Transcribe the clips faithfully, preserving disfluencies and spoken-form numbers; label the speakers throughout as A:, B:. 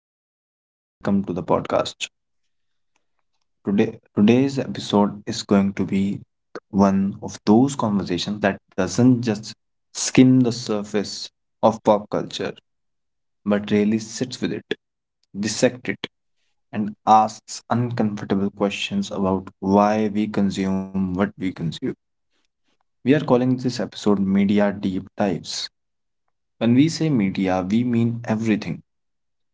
A: Hello everyone, and welcome to the podcast. Today today's episode is going to be one of those conversations that doesn't just skim the surface of pop culture but really sits with it, dissects it, and asks uncomfortable questions about why we consume what we consume. We are calling this episode media deep dives. When we say media, we mean everything: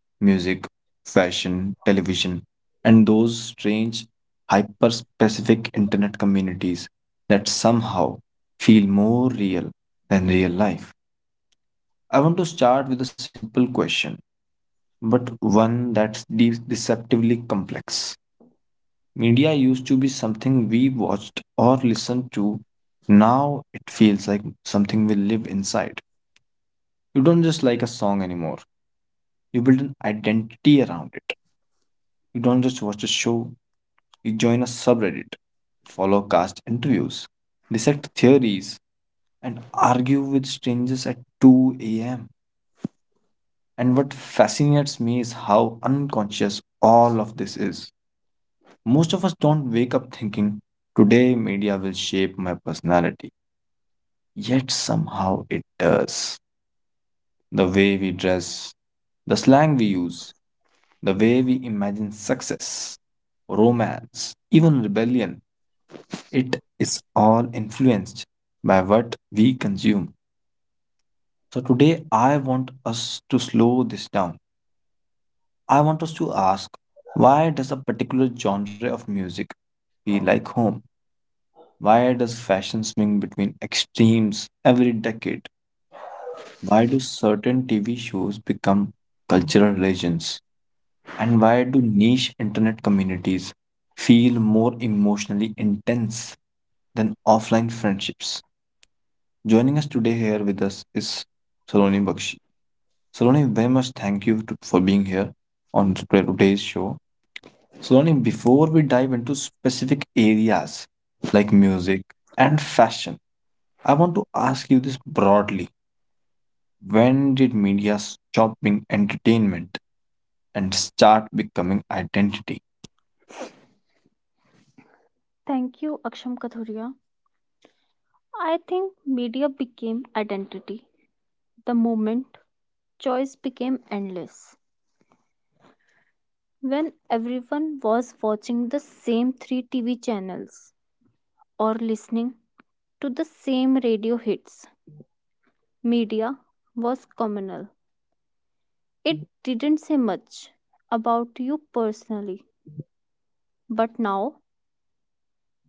A: music, fashion, television, and those strange, hyper specific internet communities that somehow feel more real than real life. I want to start with a simple question, but one that's de- deceptively complex. Media used to be something we watched or listened to. Now it feels like something we live inside. You don't just like a song anymore, you build an identity around it. You don't just watch a show, you join a subreddit, follow cast interviews, dissect theories, and argue with strangers at two a m. And what fascinates me is how unconscious all of this is. Most of us don't wake up thinking, today media will shape my personality. Yet somehow it does. The way we dress, the slang we use, the way we imagine success, romance, even rebellion, it is all influenced by what we consume. So, today I want us to slow this down. I want us to ask, why does a particular genre of music feel like home? Why does fashion swing between extremes every decade? Why do certain T V shows become cultural religions? And why do niche internet communities feel more emotionally intense than offline friendships? Joining us today here with us is Saloni Bakshi. Saloni, very much thank you to, for being here on to- today's show. Saloni, before we dive into specific areas like music and fashion, I want to ask you this broadly. When did media stop being entertainment and start becoming identity?
B: Thank you, Aksham Kathuria. I think media became identity. The moment choice became endless. When everyone was watching the same three T V channels or listening to the same radio hits, media was communal. It didn't say much about you personally, but now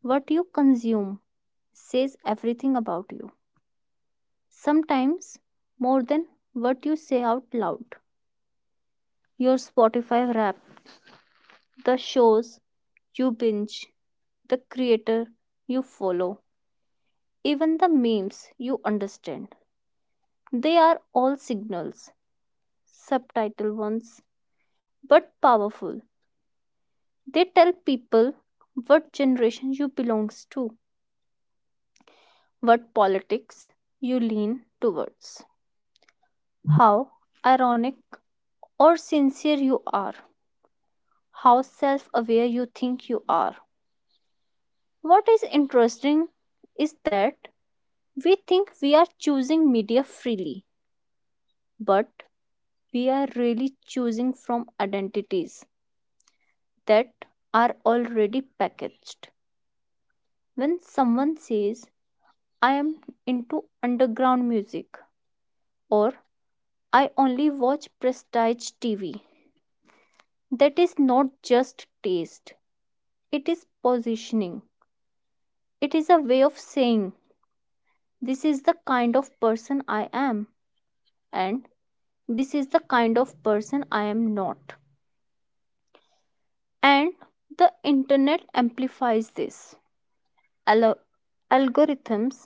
B: what you consume says everything about you. Sometimes more than what you say out loud. Your Spotify rap, the shows you binge, the creator you follow, even the memes you understand. They are all signals, subtitle ones, but powerful. They tell people what generation you belongs to, what politics you lean towards, how ironic or sincere you are, how self aware you think you are. What is interesting is that we think we are choosing media freely, but we are really choosing from identities that are already packaged. When someone says, I am into underground music, or I only watch prestige T V, that is not just taste, it is positioning. It is a way of saying, this is the kind of person I am, and this is the kind of person I am not. And the internet amplifies this. Al- algorithms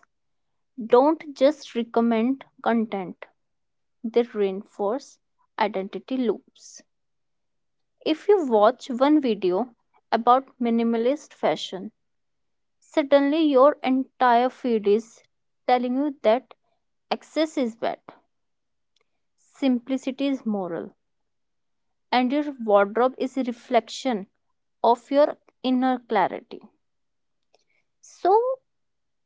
B: don't just recommend content, they reinforce identity loops. If you watch one video about minimalist fashion, suddenly your entire feed is telling you that excess is bad, simplicity is moral, and your wardrobe is a reflection of your inner clarity. So,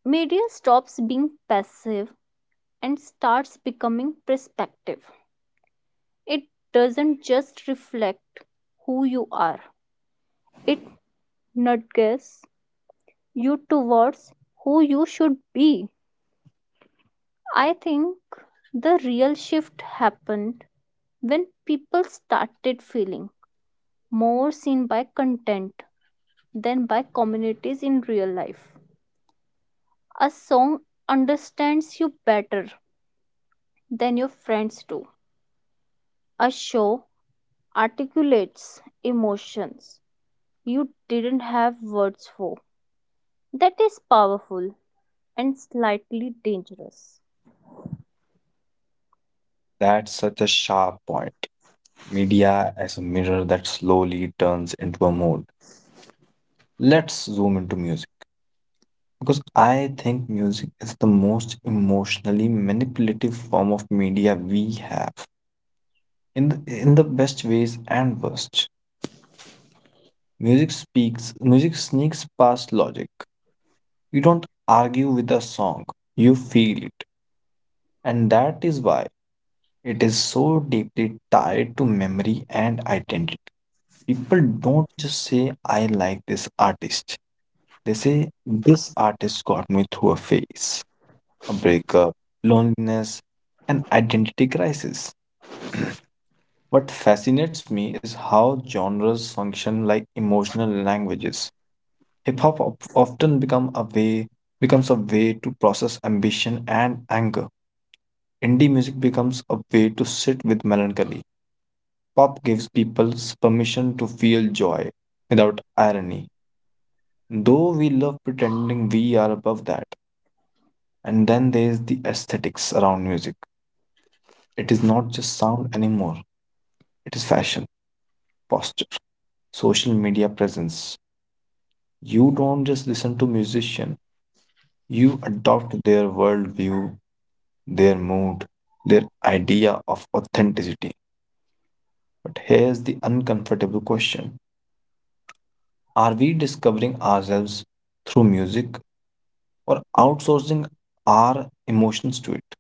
B: media stops being passive and starts becoming perspective. It doesn't just reflect who you are, it nudges you towards who you should be. I think the real shift happened when people started feeling more seen by content than by communities in real life. A song understands you better than your friends do. A show articulates emotions you didn't have words for. That is powerful and slightly dangerous.
A: That's such a sharp point. Media as a mirror that slowly turns into a mode. Let's zoom into music. Because I think music is the most emotionally manipulative form of media we have in the, in the best ways and worst. Music speaks, music sneaks past logic. You don't argue with a song, you feel it. And that is why it is so deeply tied to memory and identity. People don't just say, I like this artist. They say, this artist got me through a phase, a breakup, loneliness, and identity crisis. What fascinates me is how genres function like emotional languages. Hip hop of- often become a way becomes a way to process ambition and anger. Indie music becomes a way to sit with melancholy. Pop gives people permission to feel joy without irony, though we love pretending we are above that. And then there's the aesthetics around music. It is not just sound anymore, it is fashion, posture, social media presence. You don't just listen to musician, you adopt their worldview, their mood, their idea of authenticity. But here's the uncomfortable question, are we discovering ourselves through music or outsourcing our emotions to it?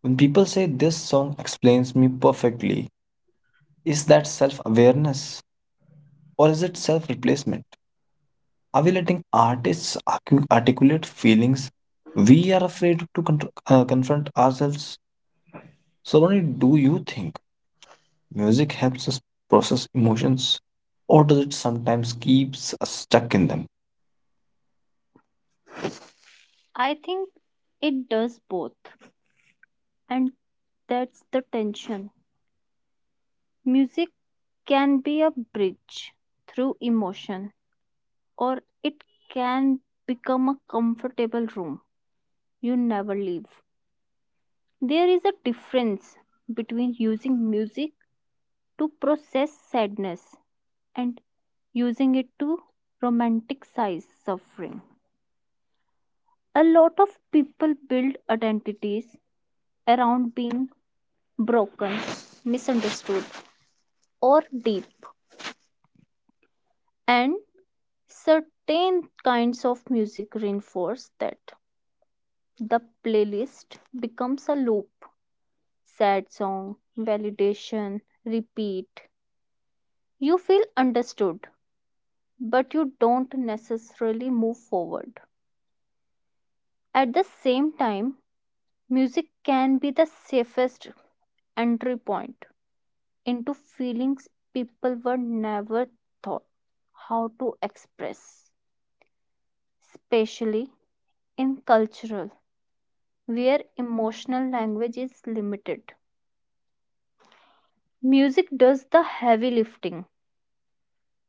A: When people say this song explains me perfectly, is that self awareness or is it self replacement? Are we letting artists arcu- articulate feelings we are afraid to con- uh, confront ourselves? Saloni, do you think music helps us process emotions, or does it sometimes keeps us stuck in them?
B: I think it does both. And that's the tension. Music can be a bridge through emotion, or it can become a comfortable room you never leave. There is a difference between using music to process sadness and using it to romanticize suffering. A lot of people build identities around being broken, misunderstood, or deep, and certain kinds of music reinforce that. The playlist becomes a loop, sad song, validation, repeat. You feel understood, but you don't necessarily move forward. At the same time, music can be the safest entry point into feelings people were never taught how to express, especially in cultural where emotional language is limited. Music does the heavy lifting.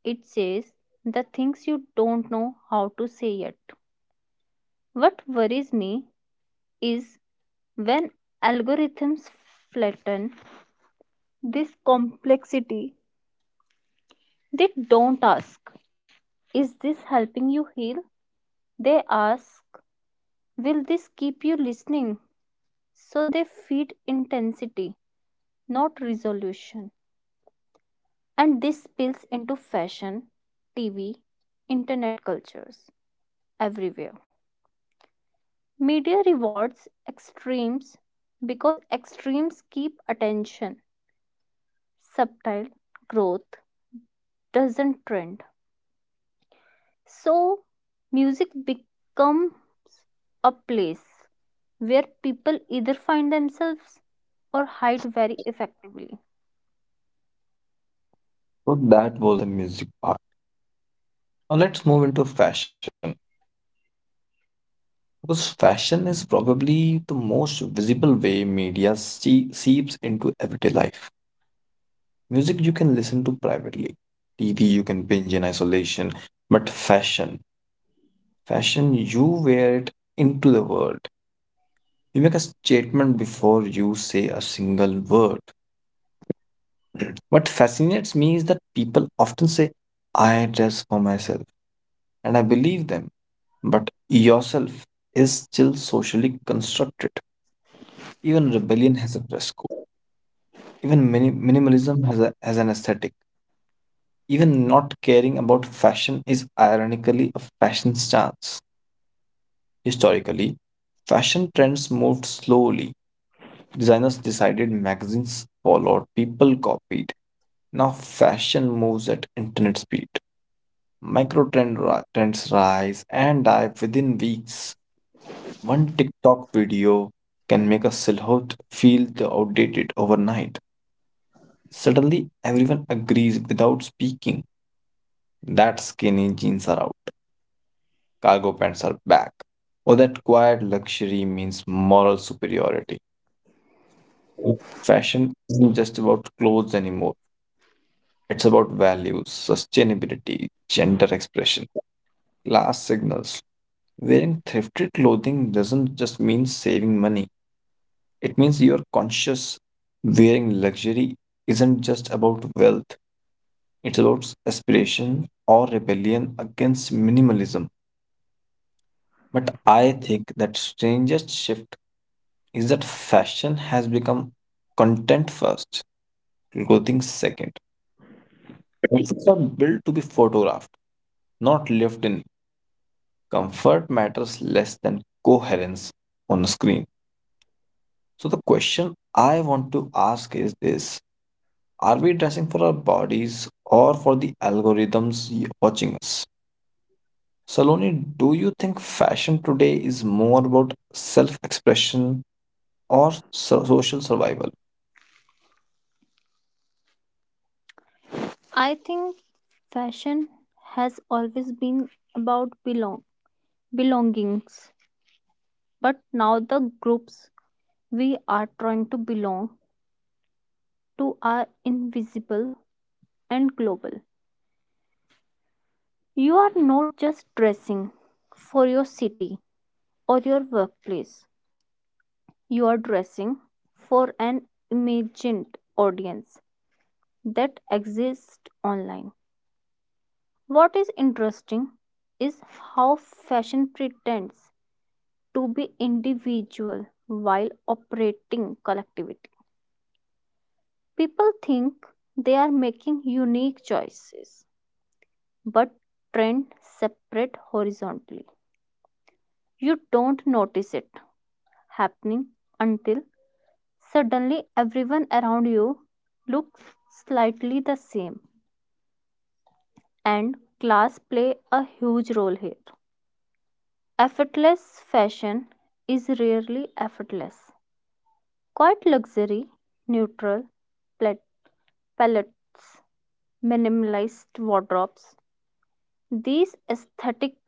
B: It says the things you don't know how to say yet. What worries me is when algorithms flatten this complexity, they don't ask, is this helping you heal? They ask, will this keep you listening? So they feed intensity, not resolution. And this spills into fashion, T V, internet cultures, everywhere. Media rewards extremes because extremes keep attention. Subtle growth doesn't trend, so music becomes a place where people either find themselves or hide very effectively.
A: So that was the music part. Now let's move into fashion because fashion is probably the most visible way media see- seeps into everyday life. Music you can listen to privately, T V you can binge in isolation, but fashion Fashion, you wear it into the world. You make a statement before you say a single word. What fascinates me is that people often say, I dress for myself, and I believe them, but yourself is still socially constructed. Even rebellion has a dress code, even mini- minimalism has, a, has an aesthetic. Even not caring about fashion is ironically a fashion stance. Historically, fashion trends moved slowly. Designers decided, magazines followed, people copied. Now fashion moves at internet speed. Micro trend ri- trends rise and die within weeks. One TikTok video can make a silhouette feel the outdated overnight. Suddenly, everyone agrees without speaking that skinny jeans are out, cargo pants are back, or that quiet luxury means moral superiority. Fashion isn't just about clothes anymore. It's about values, sustainability, gender expression, class signals. Wearing thrifted clothing doesn't just mean saving money, it means you're conscious. Wearing luxury isn't just about wealth, it's about aspiration or rebellion against minimalism. But I think that strangest shift is that fashion has become content first, clothing second. Outfits are built to be photographed, not lived in. Comfort matters less than coherence on a screen. So, the question I want to ask is this: are we dressing for our bodies or for the algorithms y- watching us? Saloni, do you think fashion today is more about self expression or so- social survival?
B: I think fashion has always been about belong belongings, but now the groups we are trying to belong to are invisible and global. You are not just dressing for your city or your workplace. You are dressing for an imagined audience that exists online. What is interesting is how fashion pretends to be individual while operating collectivity. People think they are making unique choices, but trends separate horizontally. You don't notice it happening until suddenly everyone around you looks slightly the same. And class play a huge role here. Effortless fashion is rarely effortless. Quite luxury, neutral palettes, minimalized wardrobes. These aesthetics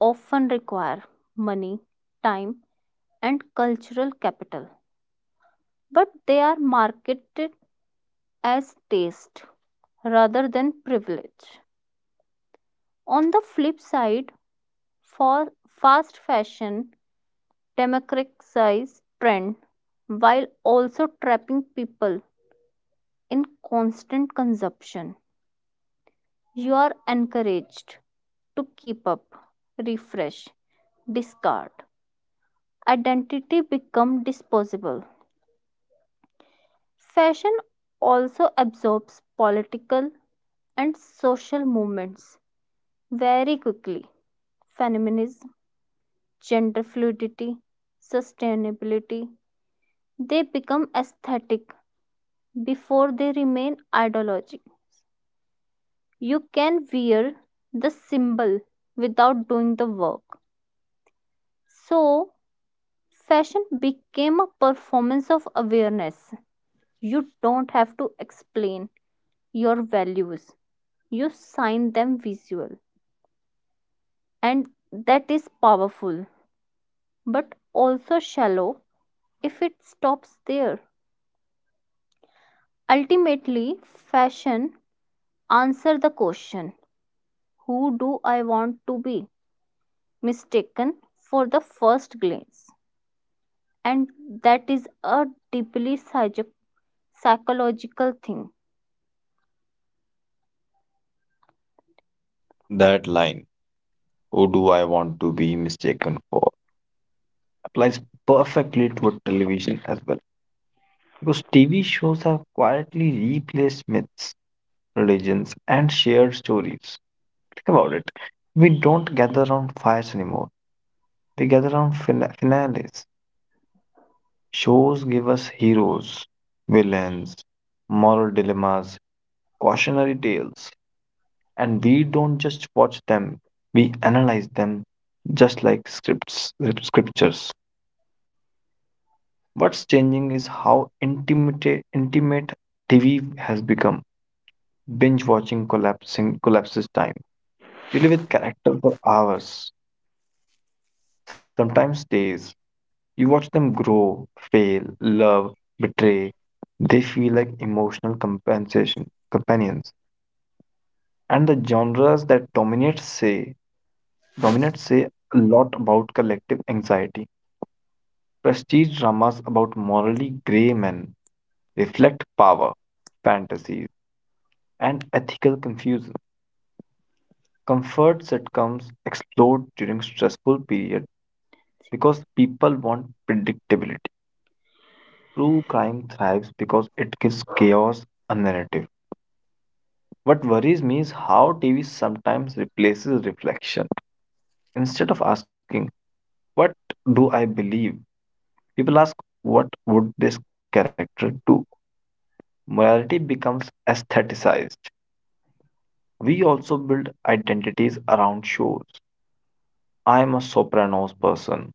B: often require money, time, and cultural capital, but they are marketed as taste rather than privilege. On the flip side, for fast fashion democratize trend while also trapping people in constant consumption. You are encouraged to keep up, refresh, discard. Identity become disposable. Fashion also absorbs political and social movements very quickly. Feminism, gender fluidity, sustainability, they become aesthetic before they remain ideological. You can wear the symbol without doing the work. So, fashion became a performance of awareness. You don't have to explain your values, you sign them visual. And that is powerful, but also shallow if it stops there. Ultimately, fashion answer the question, who do I want to be mistaken for the first glance. And that is a deeply psycho- psychological thing.
A: That line, who do I want to be mistaken for, applies perfectly to television as well. Because T V shows have quietly replaced myths, religions, and shared stories. Think about it. We don't gather around fires anymore. We gather around fina- finales. Shows give us heroes, villains, moral dilemmas, cautionary tales, and we don't just watch them, we analyze them just like scripts, scriptures. What's changing is how intimate, intimate T V has become. Binge watching collapsing collapses time. We live with character for hours, sometimes days. You watch them grow, fail, love, betray. They feel like emotional compensation companions. And the genres that dominate say dominate say a lot about collective anxiety. Prestige dramas about morally grey men reflect power, fantasies, and ethical confusion. Comfort sitcoms explode during stressful periods because people want predictability. True crime thrives because it gives chaos a narrative. What worries me is how T V sometimes replaces reflection. Instead of asking, what do I believe? People ask, what would this character do? Morality becomes aestheticized. We also build identities around shows. I am a Sopranos person.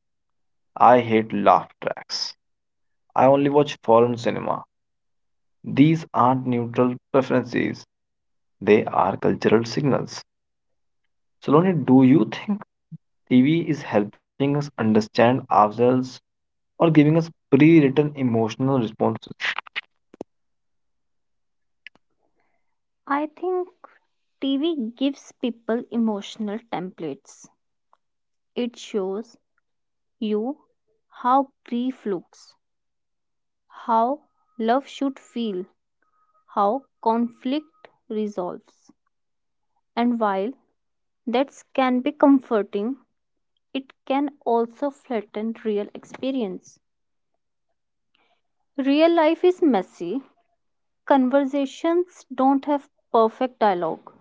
A: I hate laugh tracks. I only watch foreign cinema. These aren't neutral preferences, they are cultural signals. Saloni, do you think T V is helping us understand ourselves or giving us pre written emotional responses?
B: I think T V gives people emotional templates. It shows you how grief looks, how love should feel, how conflict resolves. And while that can be comforting, it can also flatten real experience. Real life is messy, conversations don't have perfect dialogue,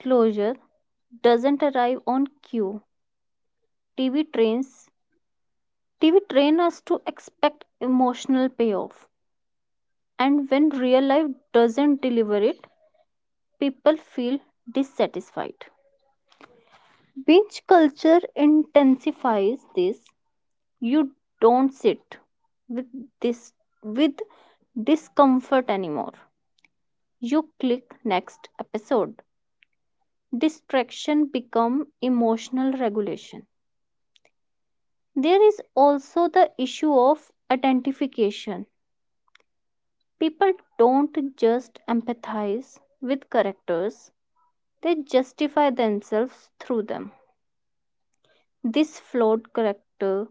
B: closure doesn't arrive on cue. T V trains T V train us to expect emotional payoff. And when real life doesn't deliver it, people feel dissatisfied. Binge culture intensifies this. You don't sit with this with discomfort anymore. You click next episode. Distraction become emotional regulation. There is also the issue of identification. People don't just empathize with characters, they justify themselves through them. This flawed character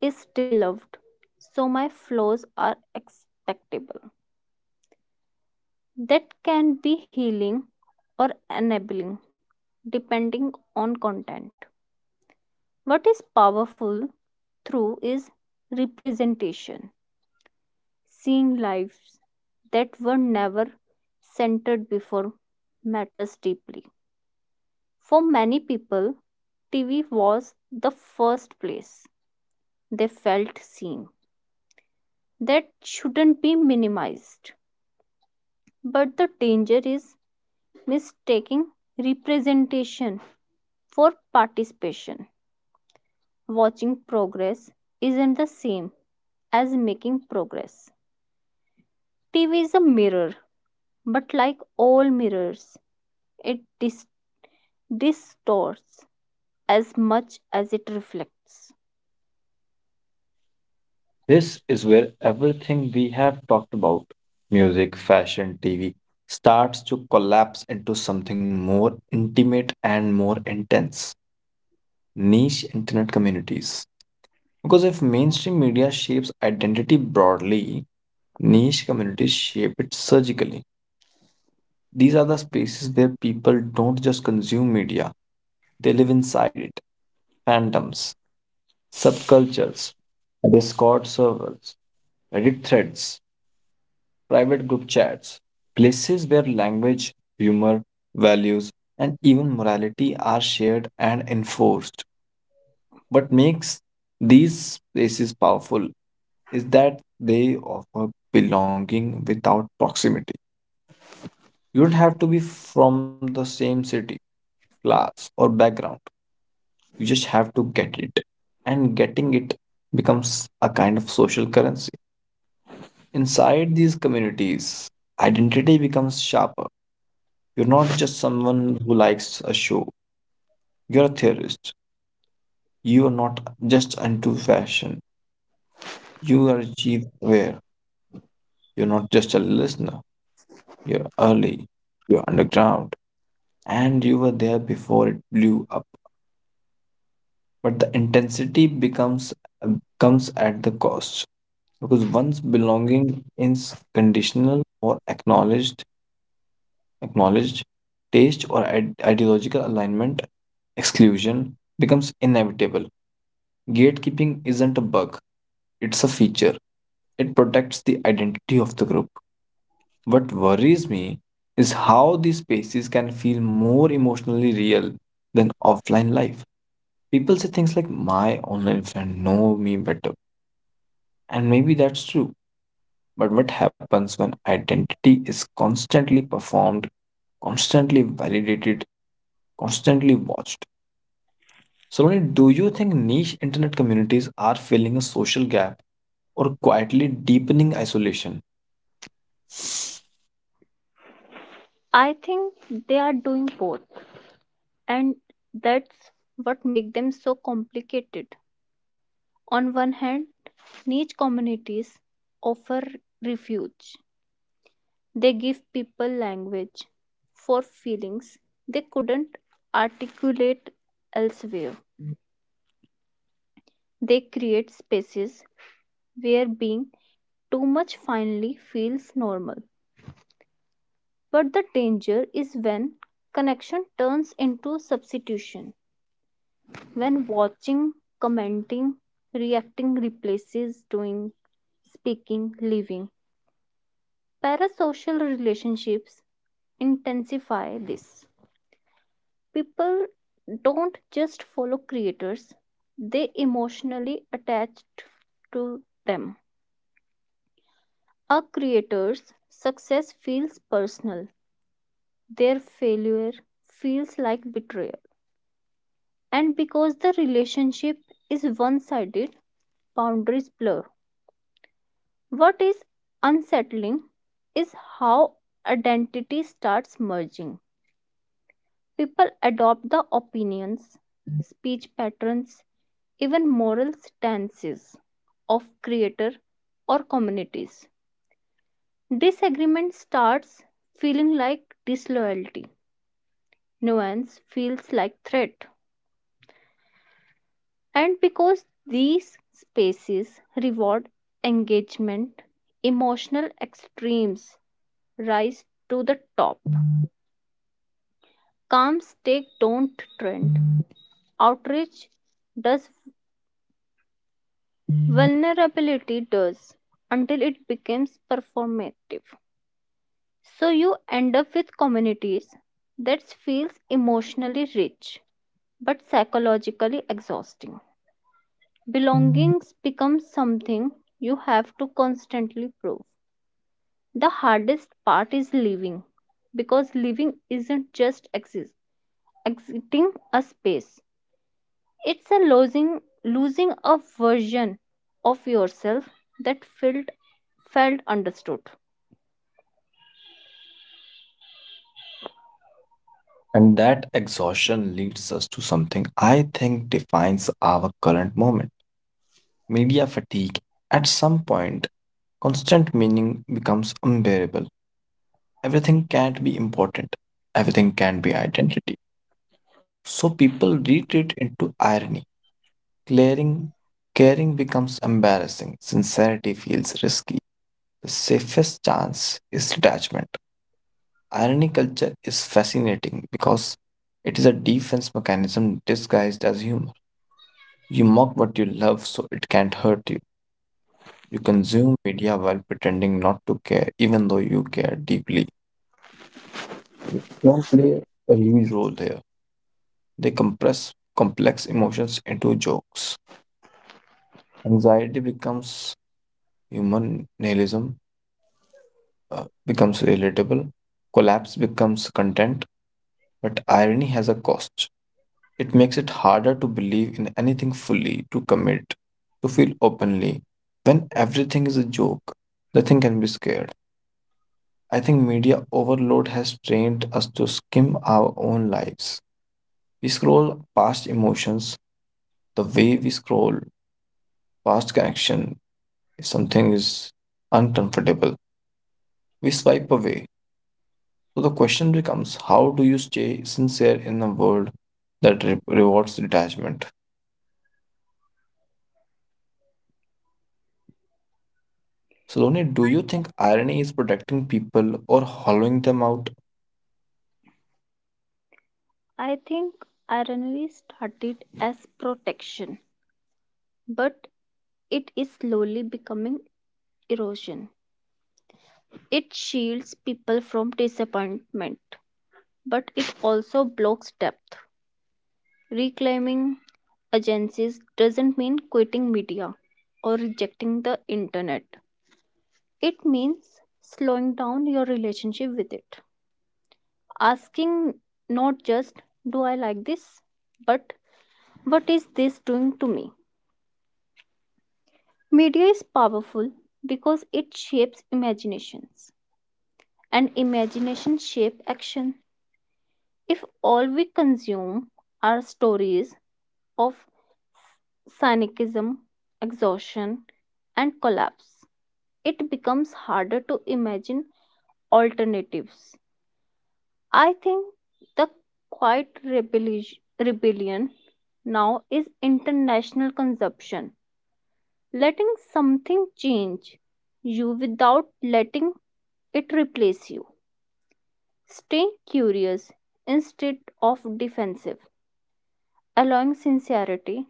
B: is still loved, so my flaws are acceptable. That can be healing or enabling, depending on content. What is powerful through is representation. Seeing lives that were never centered before matters deeply. For many people, T V was the first place they felt seen. That shouldn't be minimized. But the danger is mistaking representation for participation. Watching progress isn't the same as making progress. T V is a mirror, but like all mirrors, it dis- distorts as much as it reflects.
A: This is where everything we have talked about, music, fashion, T V, starts to collapse into something more intimate and more intense: niche internet communities. Because if mainstream media shapes identity broadly, niche communities shape it surgically. These are the spaces where people don't just consume media, they live inside it. Fandoms, subcultures, Discord servers, Reddit threads, private group chats, places where language, humor, values, and even morality are shared and enforced. What makes these spaces powerful is that they offer belonging without proximity. You don't have to be from the same city, class, or background. You just have to get it. And getting it becomes a kind of social currency. Inside these communities, identity becomes sharper. You're not just someone who likes a show, you're a theorist. You are not just into fashion, you are achieve aware. You're not just a listener, you're early, you're underground, and you were there before it blew up. But the intensity becomes comes at the cost, because once belonging is conditional or acknowledged acknowledged taste or ide- ideological alignment, exclusion becomes inevitable. Gatekeeping isn't a bug, it's a feature. It protects the identity of the group. What worries me is how these spaces can feel more emotionally real than offline life. People say things like my online friend know me better. And maybe that's true. But what happens when identity is constantly performed, constantly validated, constantly watched? Saloni, do you think niche internet communities are filling a social gap or quietly deepening isolation?
B: I think they are doing both, and that's what makes them so complicated. On one hand, niche communities offer refuge. They give people language for feelings they couldn't articulate elsewhere. They create spaces where being too much finally feels normal. But the danger is when connection turns into substitution, when watching, commenting, reacting replaces doing, speaking, living. Parasocial relationships intensify this. People don't just follow creators, they emotionally attach to them. A creator's success feels personal, their failure feels like betrayal. And because the relationship is one sided, boundaries blur. What is unsettling is how identity starts merging. People adopt the opinions, speech patterns, even moral stances of creator or communities. Disagreement starts feeling like disloyalty. Nuance feels like threat. And because these spaces reward engagement, emotional extremes rise to the top. Calm take don't trend. Outrage does, vulnerability does, until it becomes performative. So you end up with communities that feels emotionally rich but psychologically exhausting. Belongings becomes something you have to constantly prove. The hardest part is living because living isn't just exist, exiting a space. It's a losing losing a version of yourself that felt felt understood.
A: And that exhaustion leads us to something I think defines our current moment: media fatigue. At some point, constant meaning becomes unbearable. Everything can't be important, everything can be identity. So people retreat into irony. Clearing, caring becomes embarrassing. Sincerity feels risky. The safest chance is detachment. Irony culture is fascinating because it is a defense mechanism disguised as humor. You mock what you love so it can't hurt you. You consume media while pretending not to care, even though you care deeply. Don't play a huge role there. They compress complex emotions into jokes. Anxiety becomes Human nihilism uh, becomes relatable, collapse becomes content, but irony has a cost. It makes it harder to believe in anything fully, to commit, to feel openly. When everything is a joke, nothing can be scared. I think media overload has trained us to skim our own lives. We scroll past emotions the way we scroll past connection. If something is uncomfortable, we swipe away. So the question becomes, how do you stay sincere in a world that re- rewards detachment? Saloni, do you think irony is protecting people or hollowing them out?
B: I think irony started as protection, but it is slowly becoming erosion. It shields people from disappointment, but it also blocks depth. Reclaiming agencies doesn't mean quitting media or rejecting the internet. It means slowing down your relationship with it. Asking not just, do I like this, but what is this doing to me? Media is powerful because it shapes imaginations, and imagination shapes action. If all we consume are stories of cynicism, exhaustion, and collapse, it becomes harder to imagine alternatives. I think the quiet rebellish- rebellion now is international consumption. Letting something change you without letting it replace you. Stay curious instead of defensive, allowing sincerity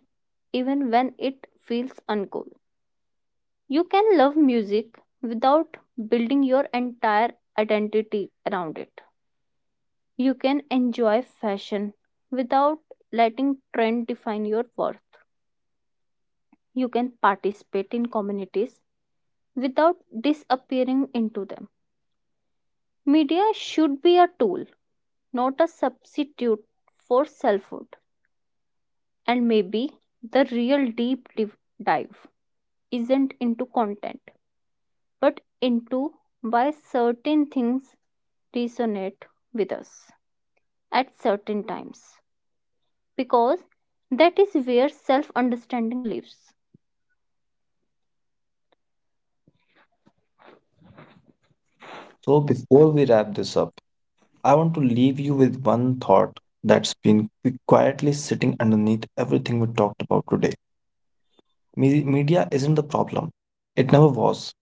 B: even when it feels uncool. You can love music without building your entire identity around it. You can enjoy fashion without letting trend define your worth. You can participate in communities without disappearing into them. Media should be a tool, not a substitute for selfhood. And maybe the real deep dive isn't into content, but into why certain things resonate with us at certain times. Because that is where self understanding lives.
A: So before we wrap this up, I want to leave you with one thought that's been qui- quietly sitting underneath everything we talked about today. Me- media isn't the problem. It never was.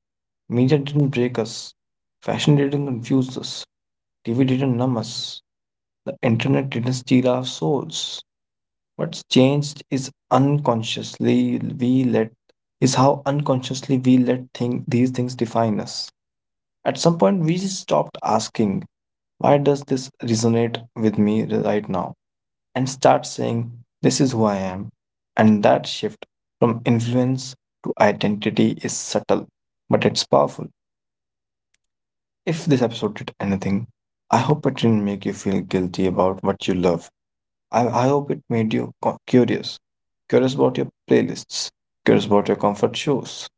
A: Media didn't break us. Fashion didn't confuse us. T V didn't numb us. The internet didn't steal our souls. What's changed is unconsciously we let is how unconsciously we let think these things define us. At some point we stopped asking, why does this resonate with me right now? And start saying, this is who I am. And that shift from influence to identity is subtle, but it's powerful. If this episode did anything, I hope it didn't make you feel guilty about what you love. I, I hope it made you co- curious. Curious about your playlists, curious about your comfort shows,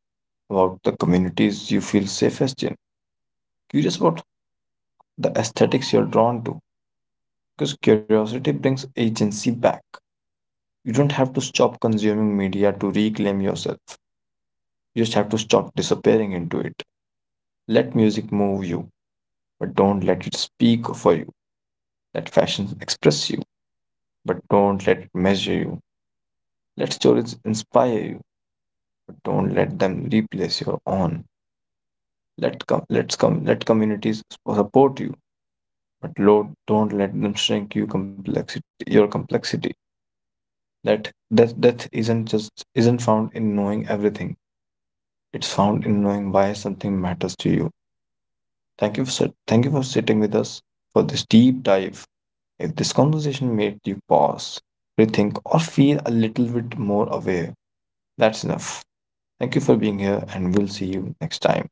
A: about the communities you feel safest in, curious about the aesthetics you're drawn to. Because curiosity brings agency back. You don't have to stop consuming media to reclaim yourself. You just have to stop disappearing into it. Let music move you, but don't let it speak for you. Let fashion express you, but don't let it measure you. Let stories inspire you, but don't let them replace your own. Let com- let's come let communities support you, but Lord, don't let them shrink you complexity your complexity. That death death isn't just isn't found in knowing everything. It's found in knowing why something matters to you. Thank you for sit- thank you for sitting with us for this deep dive. If this conversation made you pause, rethink, or feel a little bit more aware, that's enough. Thank you for being here, and we'll see you next time.